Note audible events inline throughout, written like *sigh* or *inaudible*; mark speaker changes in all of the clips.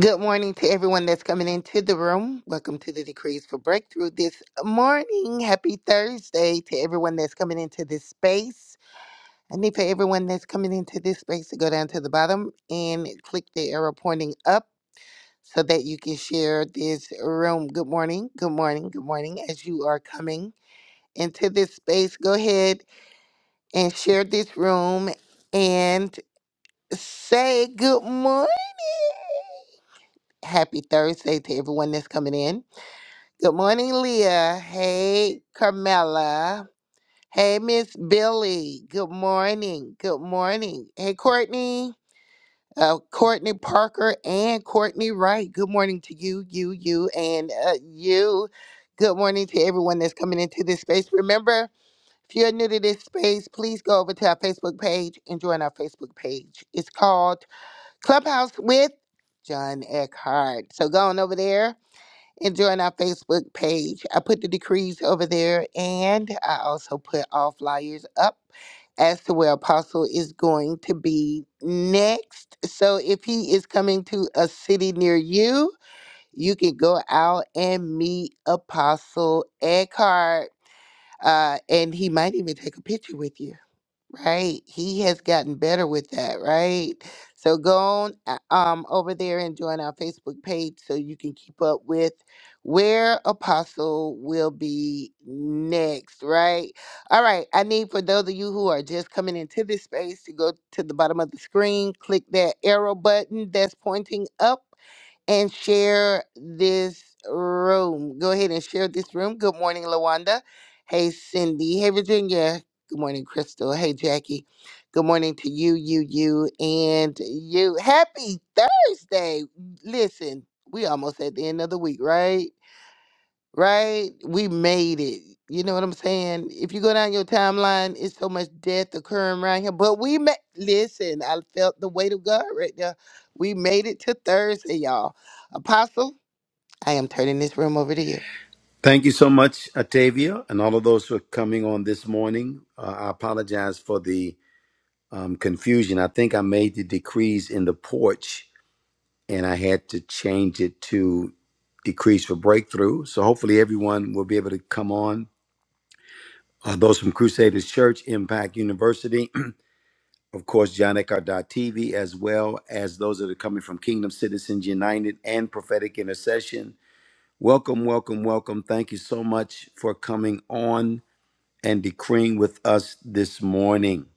Speaker 1: Good morning to everyone that's coming into the room. Welcome to the Decrees for Breakthrough this morning. Happy Thursday to everyone that's coming into this space. I need for everyone that's coming into this space to go down to the bottom and click the arrow pointing up so that you can share this room. Good morning, good morning, good morning. As you are coming into this space, go ahead and share this room and say good morning. Happy Thursday to everyone that's coming in. Good morning, Leah. Hey, Carmela. Hey, Miss Billy. Good morning. Good morning. Hey, Courtney. Uh, Courtney Parker and Courtney Wright. Good morning to you, you, you, and uh, you. Good morning to everyone that's coming into this space. Remember, if you're new to this space, please go over to our Facebook page and join our Facebook page. It's called Clubhouse with John Eckhart. So go on over there and join our Facebook page. I put the decrees over there and I also put all flyers up as to where Apostle is going to be next. So if he is coming to a city near you, you can go out and meet Apostle Eckhart. Uh, and he might even take a picture with you right? He has gotten better with that, right? So go on uh, um over there and join our Facebook page so you can keep up with where Apostle will be next, right? All right, I need for those of you who are just coming into this space to go to the bottom of the screen, click that arrow button that's pointing up and share this room. Go ahead and share this room. Good morning, Lawanda. Hey, Cindy. Hey, Virginia. Good morning, Crystal. Hey, Jackie. Good morning to you, you, you, and you. Happy Thursday. Listen, we almost at the end of the week, right? right? We made it. You know what I'm saying? If you go down your timeline, it's so much death occurring around here. But we made. Listen, I felt the weight of God right there. We made it to Thursday, y'all. Apostle, I am turning this room over to you.
Speaker 2: Thank you so much, Atavia, and all of those who are coming on this morning. Uh, I apologize for the um, confusion. I think I made the decrees in the porch and I had to change it to decrees for breakthrough. So hopefully everyone will be able to come on. Uh, those from Crusaders Church, Impact University, *clears throat* of course, John TV, as well as those that are coming from Kingdom Citizens United and Prophetic Intercession. Welcome, welcome, welcome. Thank you so much for coming on and decreeing with us this morning.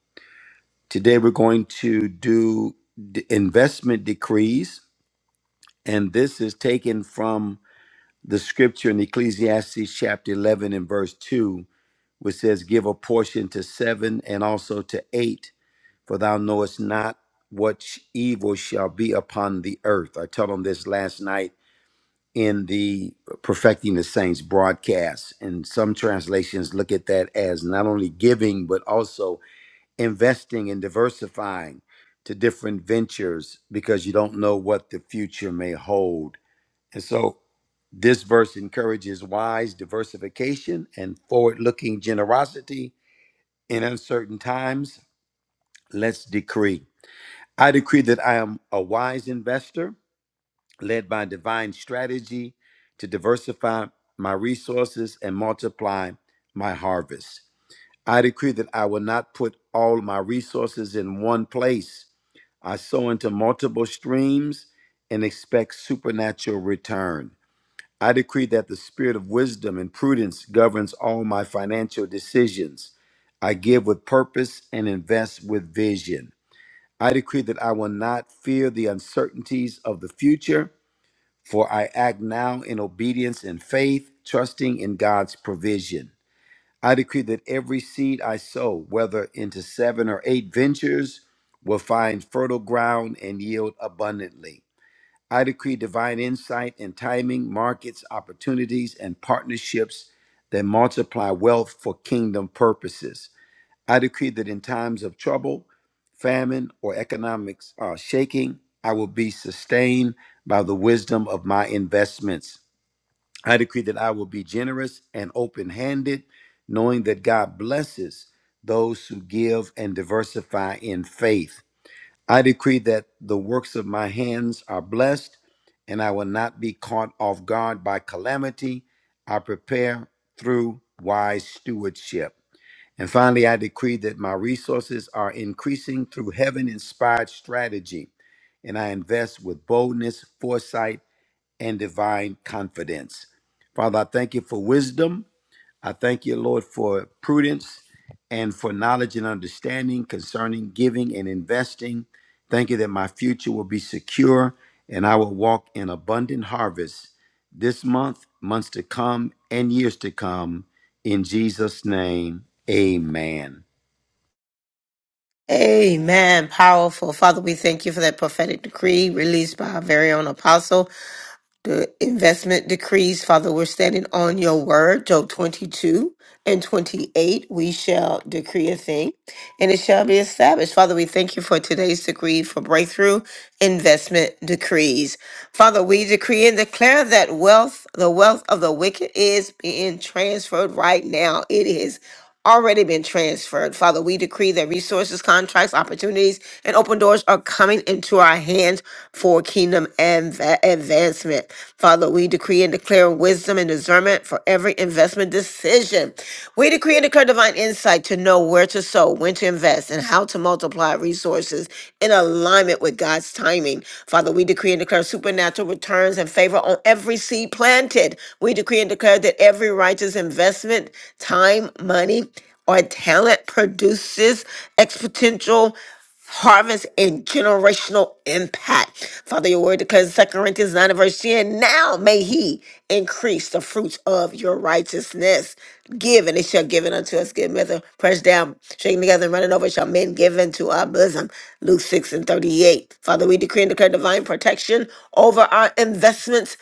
Speaker 2: Today we're going to do d- investment decrees, and this is taken from the scripture in Ecclesiastes chapter 11 and verse 2, which says, Give a portion to seven and also to eight, for thou knowest not what sh- evil shall be upon the earth. I taught on this last night in the Perfecting the Saints broadcast, and some translations look at that as not only giving, but also investing and diversifying to different ventures because you don't know what the future may hold. And so this verse encourages wise diversification and forward looking generosity in uncertain times. Let's decree. I decree that I am a wise investor led by divine strategy to diversify my resources and multiply my harvest. I decree that I will not put all my resources in one place. I sow into multiple streams and expect supernatural return. I decree that the spirit of wisdom and prudence governs all my financial decisions. I give with purpose and invest with vision. I decree that I will not fear the uncertainties of the future, for I act now in obedience and faith, trusting in God's provision. I decree that every seed I sow, whether into seven or eight ventures, will find fertile ground and yield abundantly. I decree divine insight and timing, markets, opportunities, and partnerships that multiply wealth for kingdom purposes. I decree that in times of trouble, famine, or economics uh, shaking, I will be sustained by the wisdom of my investments. I decree that I will be generous and open handed, knowing that God blesses those who give and diversify in faith. I decree that the works of my hands are blessed, and I will not be caught off guard by calamity. I prepare through wise stewardship. And finally, I decree that my resources are increasing through heaven inspired strategy, and I invest with boldness, foresight, and divine confidence. Father, I thank you for wisdom. I thank you, Lord, for prudence and for knowledge and understanding concerning giving and investing. Thank you that my future will be secure and I will walk in abundant harvest this month, months to come, and years to come. In Jesus' name, amen.
Speaker 3: Amen. Powerful. Father, we thank you for that prophetic decree released by our very own apostle. The investment decrees, Father, we're standing on your word, Job 22 and 28. We shall decree a thing and it shall be established. Father, we thank you for today's decree for breakthrough investment decrees. Father, we decree and declare that wealth, the wealth of the wicked is being transferred right now. It is already been transferred. Father, we decree that resources, contracts, opportunities, and open doors are coming into our hands for kingdom adva- advancement. Father, we decree and declare wisdom and discernment for every investment decision. We decree and declare divine insight to know where to sow, when to invest, and how to multiply resources in alignment with God's timing. Father, we decree and declare supernatural returns and favor on every seed planted. We decree and declare that every every righteous investment, time, money, or talent produces exponential harvest and generational impact. Father, your word declares in 2 Corinthians 9 and verse 10, now may he increase the fruits of your righteousness. Give and it shall give it unto us. Give measure, pressed down, shaking together and running over shall men give into our bosom. Luke 6 and 38. Father, we decree and declare divine protection over our investments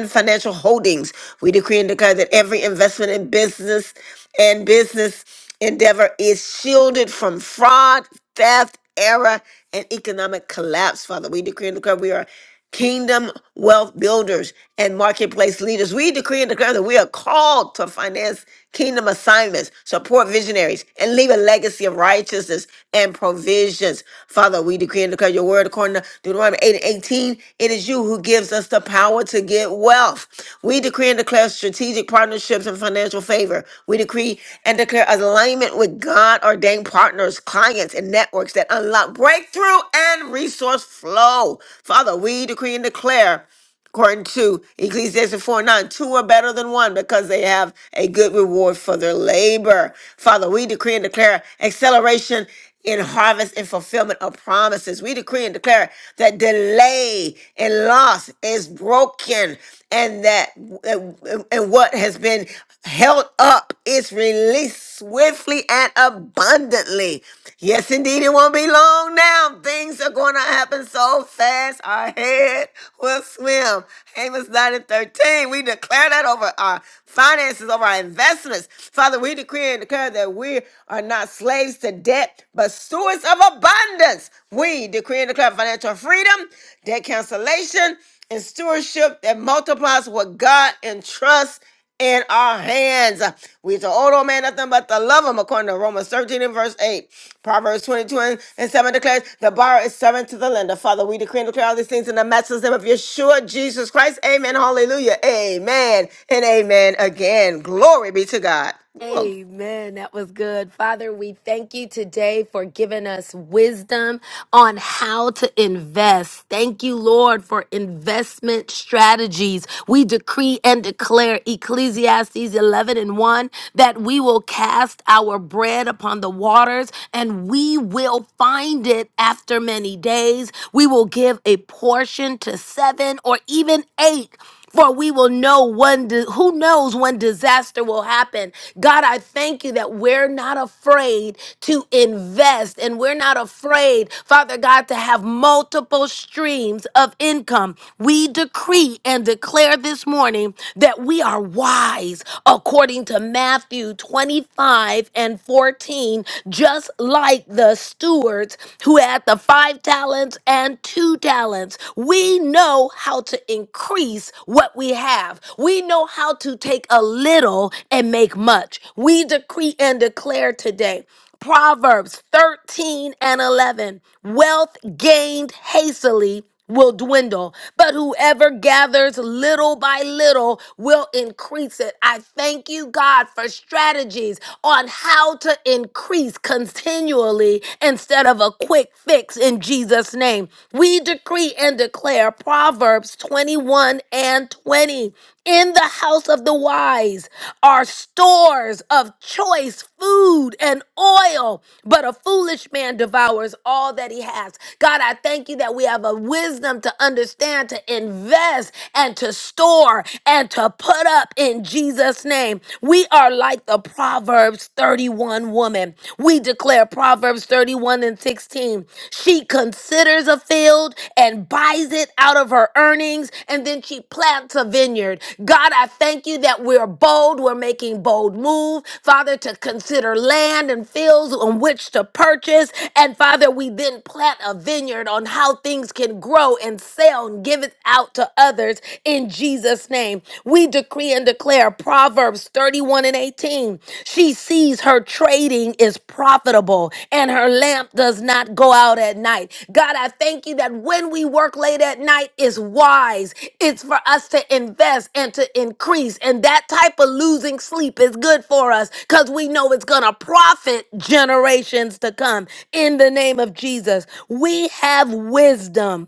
Speaker 3: and financial holdings. We decree and declare that every investment in business and business endeavor is shielded from fraud, theft, error, and economic collapse. Father, we decree and declare we are kingdom wealth builders and marketplace leaders. We decree and declare that we are called to finance kingdom assignments, support visionaries, and leave a legacy of righteousness and provisions. Father, we decree and declare your word according to Deuteronomy 8 and 18. 13, it is you who gives us the power to get wealth. We decree and declare strategic partnerships and financial favor. We decree and declare alignment with God ordained partners, clients, and networks that unlock breakthrough and resource flow. Father, we decree and declare according to Ecclesiastes 4 9, two are better than one because they have a good reward for their labor. Father, we decree and declare acceleration in harvest and fulfillment of promises. We decree and declare that delay and loss is broken and that and what has been held up is released swiftly and abundantly. Yes, indeed, it won't be long now. Things are going to happen so fast. Our head will swim. Amos 9 and 13. We declare that over our finances, over our investments. Father, we decree and declare that we are not slaves to debt, but stewards of abundance. We decree and declare financial freedom, debt cancellation and stewardship that multiplies what God entrusts in our hands. We to old old man nothing but to love him, according to Romans 13 and verse 8. Proverbs 22 and and 7 declares, The borrower is servant to the lender. Father, we decree and declare all these things in the matchless name of Yeshua, Jesus Christ. Amen. Hallelujah. Amen. And amen again. Glory be to God. Whoa.
Speaker 4: Amen. That was good. Father, we thank you today for giving us wisdom on how to invest. Thank you, Lord, for investment strategies. We decree and declare Ecclesiastes 11 and 1 that we will cast our bread upon the waters and we will find it after many days. We will give a portion to seven or even eight for we will know when di- who knows when disaster will happen god i thank you that we're not afraid to invest and we're not afraid father god to have multiple streams of income we decree and declare this morning that we are wise according to matthew 25 and 14 just like the stewards who had the five talents and two two talents, we know how to increase what we have. We know how to take a little and make much. We decree and declare today. Proverbs 13 and 11 wealth gained hastily will dwindle, but whoever gathers little by little will increase it. I thank you, God, for strategies on how to increase continually instead of a quick fix in Jesus' name. We decree and declare Proverbs 21 and 20. In the house of the wise are stores of choice food and oil, but a foolish man devours all that he has. God, I thank you that we have a wisdom wisdom to understand, to invest, and to store and to put up in Jesus' name. We are like the Proverbs 31 woman. We declare Proverbs 31 and 16. She considers a field and buys it out of her earnings, and then she plants a vineyard. God, I thank you that we're bold. We're making bold move, Father, to consider land and fields on which to purchase. And Father, we then plant a vineyard on how things can grow grow and sell and give it out to others in Jesus' name. We decree and declare Proverbs 31 and 18. She sees her trading is profitable and her lamp does not go out at night. God, I thank you that when we work late at night is wise. It's for us to invest and to increase. And that type of losing sleep is good for us because we know it's going to profit generations to come. In the name of Jesus, we have wisdom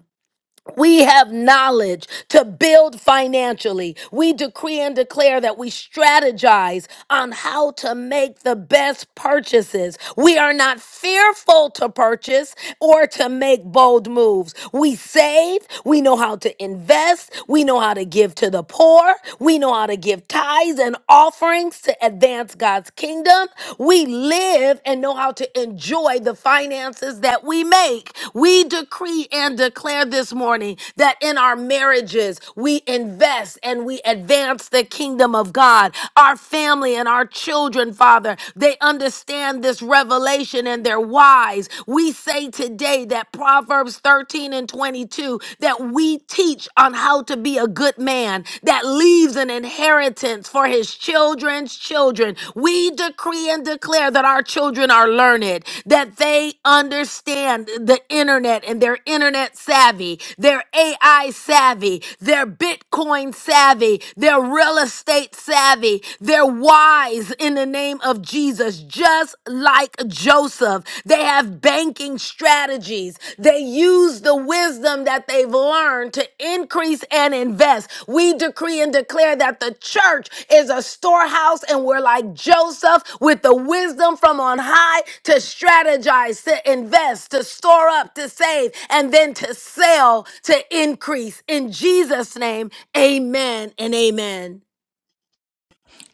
Speaker 4: we have knowledge to build financially. We decree and declare that we strategize on how to make the best purchases. We are not fearful to purchase or to make bold moves. We save. We know how to invest. We know how to give to the poor. We know how to give tithes and offerings to advance God's kingdom. We live and know how to enjoy the finances that we make. We decree and declare this morning that in our marriages, we invest and we advance the kingdom of God. Our family and our children, Father, they understand this revelation and they're wise. We say today that Proverbs 13 and 22 that we teach on how to be a a good man that leaves an inheritance for his children's children. We decree and declare that our children are learned, that they understand the internet and they're internet savvy, they're AI savvy, they're Bitcoin savvy, they're real estate savvy, they're wise in the name of Jesus, just like Joseph. They have banking strategies. They use the wisdom that they've learned to increase and invest. We decree and declare that the church is a storehouse and we're like Joseph with the wisdom from on high to strategize, to invest, to store up, to save, and then to sell, to increase. In Jesus' name, amen and amen.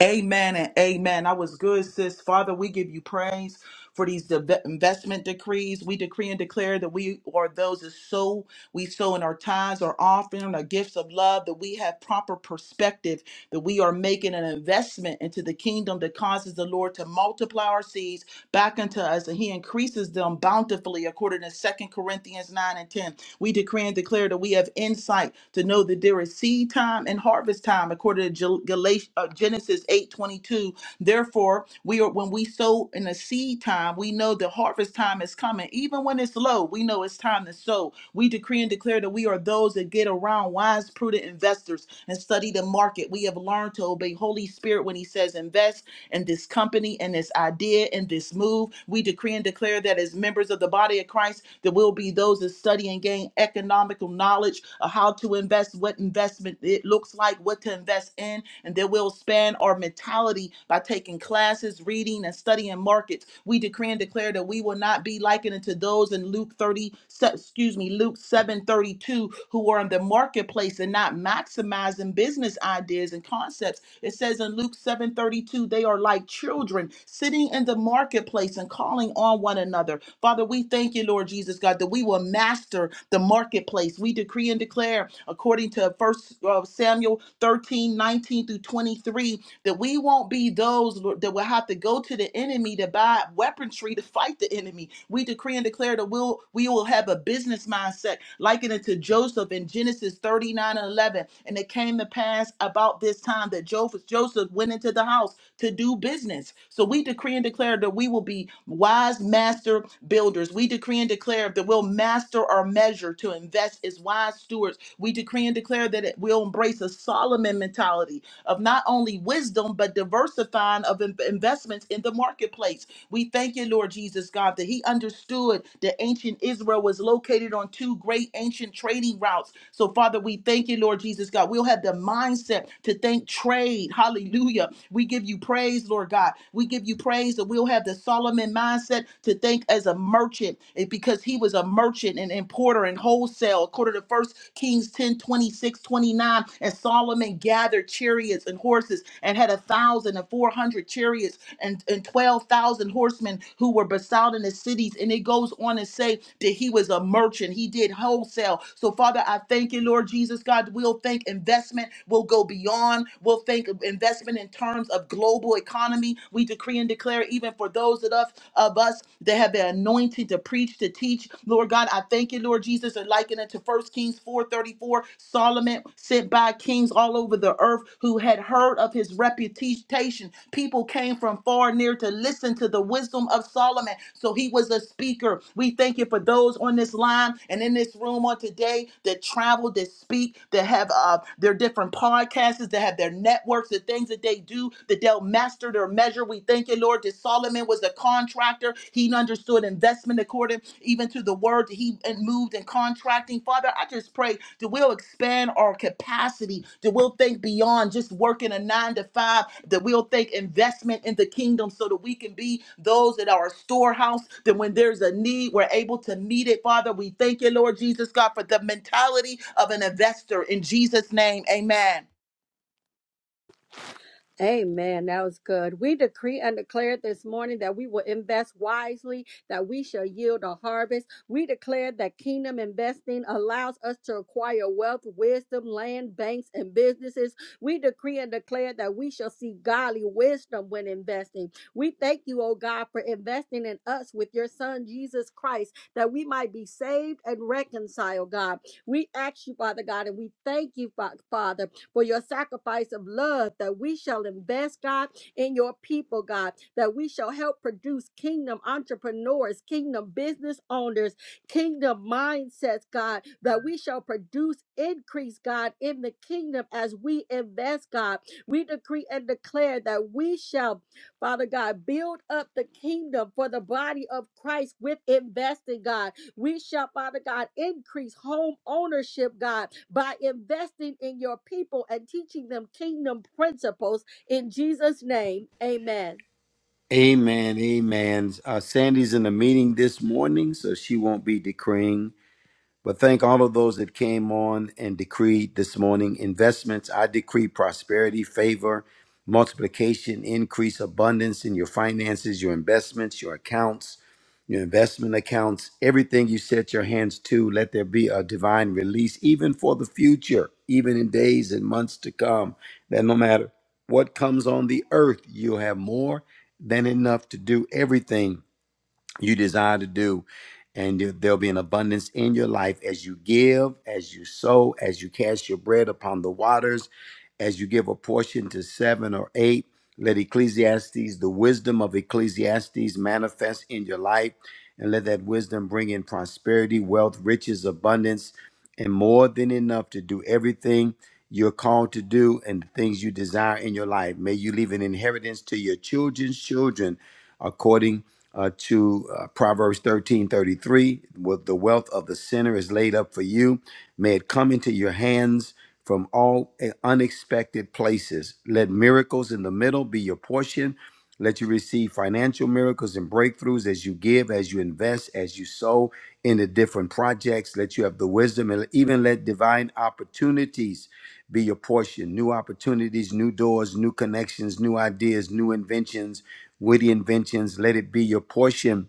Speaker 5: Amen and amen. I was good, sis. Father, we give you praise for these deve- investment decrees. We decree and declare that we are those that sow, we sow in our tithes, our offering, our gifts of love, that we have proper perspective, that we are making an investment into the kingdom that causes the Lord to multiply our seeds back unto us, and He increases them bountifully, according to Second Corinthians 9 and 10. We decree and declare that we have insight to know that there is seed time and harvest time, according to Gal- Galat- uh, Genesis 8:22. Therefore, we are when we sow in the seed time, we know the harvest time is coming. Even when it's low, we know it's time to sow. We decree and declare that we are those that get around wise, prudent investors and study the market. We have learned to obey Holy Spirit when He says, dollars invest in this company and this idea and this move. We decree and declare that as members of the body of Christ, there will be those that study and gain economical knowledge of how to invest, what investment it looks like, what to invest in, and that we'll span our mentality by taking classes, reading, and studying markets. We decree and declare that we will not be likened to those in Luke 30, excuse me, Luke 7:32, who were in the marketplace and not maximizing business ideas and concepts. It says in Luke 7:32, they are like children sitting in the marketplace and calling on one another. Father, we thank you, Lord Jesus God, that we will master the marketplace. We decree and declare according to First uh, Samuel 13 19 through 23, that we won't be those Lord, that will have to go to the enemy to buy weaponry to fight the enemy. We decree and declare that we'll, we will have a business mindset, likened it to Joseph in Genesis 39 and 11. And it came to pass about this time that Joseph, Joseph went into the house to do business. So we decree and declare that we will be wise master builders. We decree and declare that we'll master our measure to invest as wise stewards. We decree and declare that that it will embrace a Solomon mentality of not only wisdom, but diversifying of in- investments in the marketplace. We thank you, Lord Jesus, God, that he understood that ancient Israel was located on two great ancient trading routes. So, Father, we thank you, Lord Jesus, God. We'll have the mindset to think trade. Hallelujah. We give you praise, Lord God. We give you praise that we'll have the Solomon mindset to think as a merchant eh, because he was a merchant and important importer and wholesale, according to First Kings 10 26 29, And Solomon gathered chariots and horses and had a thousand and four hundred chariots and, and 12,000 horsemen who were besought in the cities. And it goes on and say that he was a merchant. He did wholesale. So, Father, I thank you, Lord Jesus. God, we'll think investment will go beyond. We'll think of investment in terms of global economy. We decree and declare even for those of us, of us us that have the anointing to preach, to teach. Lord God, I thank you, Lord Jesus, and liken it to First Kings 4:34. Solomon sent by kings all over the earth who had heard of his reputation. People came from far and near to listen to the wisdom of Solomon. So he was a speaker. We thank you for those on this line and in this room on today that travel, that speak, that have uh, their different podcasts, that have their networks, the things that they do, that they'll master or measure. We thank you, Lord, that Solomon was a contractor. He understood investment according even to the word that he and moved in contracting. Father, I just pray that we'll expand our capacity, that we'll think beyond just working a nine to five, that we'll think investment in the kingdom so that we can be those that are a storehouse, that when there's a need, we're able to meet it. Father, we thank you, Lord Jesus God, for the mentality of an investor. In Jesus' name, amen.
Speaker 6: Amen. That was good. We decree and declare this morning that we will invest wisely, that we shall yield a harvest. We declare that kingdom investing allows us to acquire wealth, wisdom, land, banks, and businesses. We decree and declare that we shall see godly wisdom when investing. We thank you, oh God, for investing in us with your son, Jesus Christ, that we might be saved and reconciled, God. We ask you, Father God, and we thank you, Fa- Father for your sacrifice of love that we shall invest, God, in your people, God, that we shall help produce kingdom entrepreneurs, kingdom business owners, kingdom mindsets, God, that we shall produce increase, God, in the kingdom as we invest, God. We decree and declare that we shall, Father God, build up the kingdom for the body of Christ with investing, God we shall, Father God, increase home ownership, God, by investing in your people and teaching them kingdom principles. In Jesus' name, amen.
Speaker 2: Amen. Amen. Uh, Sandy's in a meeting this morning, so she won't be decreeing. But thank all of those that came on and decreed this morning investments. I decree prosperity, favor, multiplication, increase, abundance in your finances, your investments, your accounts, your investment accounts, everything you set your hands to. Let there be a divine release, even for the future, even in days and months to come. That no matter what comes on the earth, you'll have more than enough to do everything you desire to do. And there- there'll be an abundance in your life as you give, as you sow, as you cast your bread upon the waters, as you give a portion to seven or eight. Let Ecclesiastes, the wisdom of Ecclesiastes, manifest in your life. And let that wisdom bring in prosperity, wealth, riches, abundance, and more than enough to do everything you're called to do and the things you desire in your life. May you leave an inheritance to your children's children according uh, to uh, Proverbs thirteen thirty three, With the wealth of the sinner is laid up for you. May it come into your hands from all uh, unexpected places. Let miracles in the middle be your portion. Let you receive financial miracles and breakthroughs as you give, as you invest, as you sow into different projects. Let you have the wisdom and even let divine opportunities be your portion. New opportunities, new doors, new connections, new ideas, new inventions, witty inventions. Let it be your portion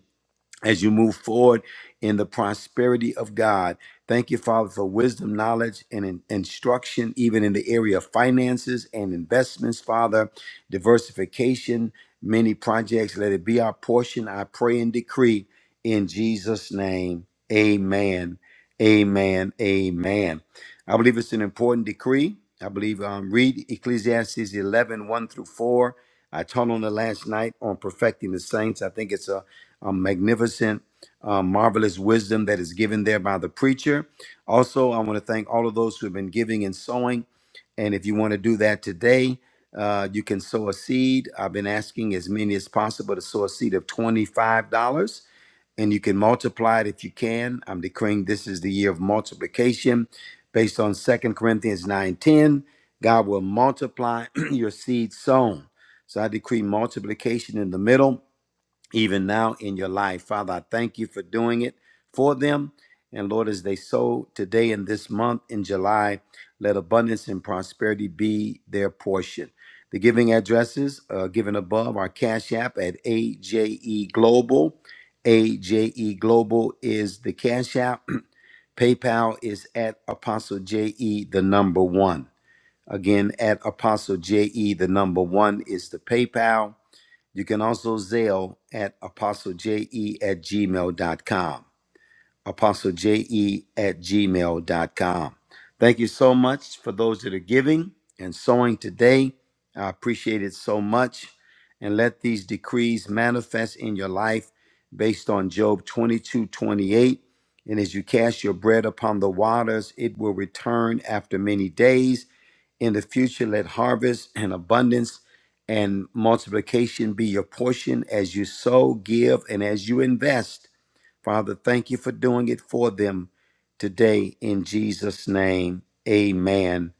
Speaker 2: as you move forward in the prosperity of God. Thank you, Father, for wisdom, knowledge, and in- instruction, even in the area of finances and investments, Father, diversification, many projects. Let it be our portion. I pray and decree in Jesus' name. Amen. Amen. Amen. I believe it's an important decree. I believe um, read Ecclesiastes eleven one through 4. I taught on it last night on perfecting the saints. I think it's a um, magnificent, um, marvelous wisdom that is given there by the preacher. Also, I want to thank all of those who have been giving and sowing. And if you want to do that today, uh, you can sow a seed. I've been asking as many as possible to sow a seed of $25, and you can multiply it if you can. I'm decreeing this is the year of multiplication based on Second Corinthians 9:10. God will multiply *clears throat* your seed sown. So I decree multiplication in the middle even now in your life. Father, I thank you for doing it for them. And Lord, as they sow today and this month in July, let abundance and prosperity be their portion. The giving addresses uh, given above are Cash App at AJE Global. AJE Global is the Cash App. *clears throat* PayPal is at Apostle JE, the number one. Again, at Apostle JE, the number one is the PayPal you can also Zelle at apostleje at gmail dot gmail.com. Apostleje at gmail dot com. Thank you so much for those that are giving and sowing today. I appreciate it so much. And let these decrees manifest in your life based on Job 22 28. And as you cast your bread upon the waters, it will return after many days in the future, let harvest and abundance and multiplication be your portion as you sow, give, and as you invest. Father, thank you for doing it for them today in Jesus' name. Amen.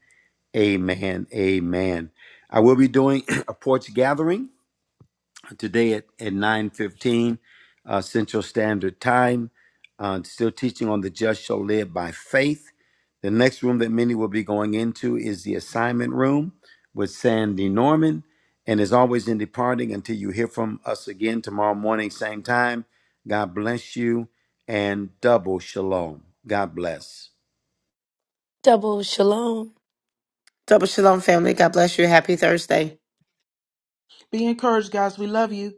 Speaker 2: Amen. Amen. I will be doing *clears throat* a porch gathering today at, at 9.15 uh, Central Standard Time. Uh, still teaching on the just shall live by faith. The next room that many will be going into is the assignment room with Sandy Norman. And as always, in departing, until you hear from us again tomorrow morning, same time, God bless you and double shalom. God bless.
Speaker 4: Double shalom.
Speaker 3: Double shalom, family. God bless you. Happy Thursday.
Speaker 5: Be encouraged, guys. We love you.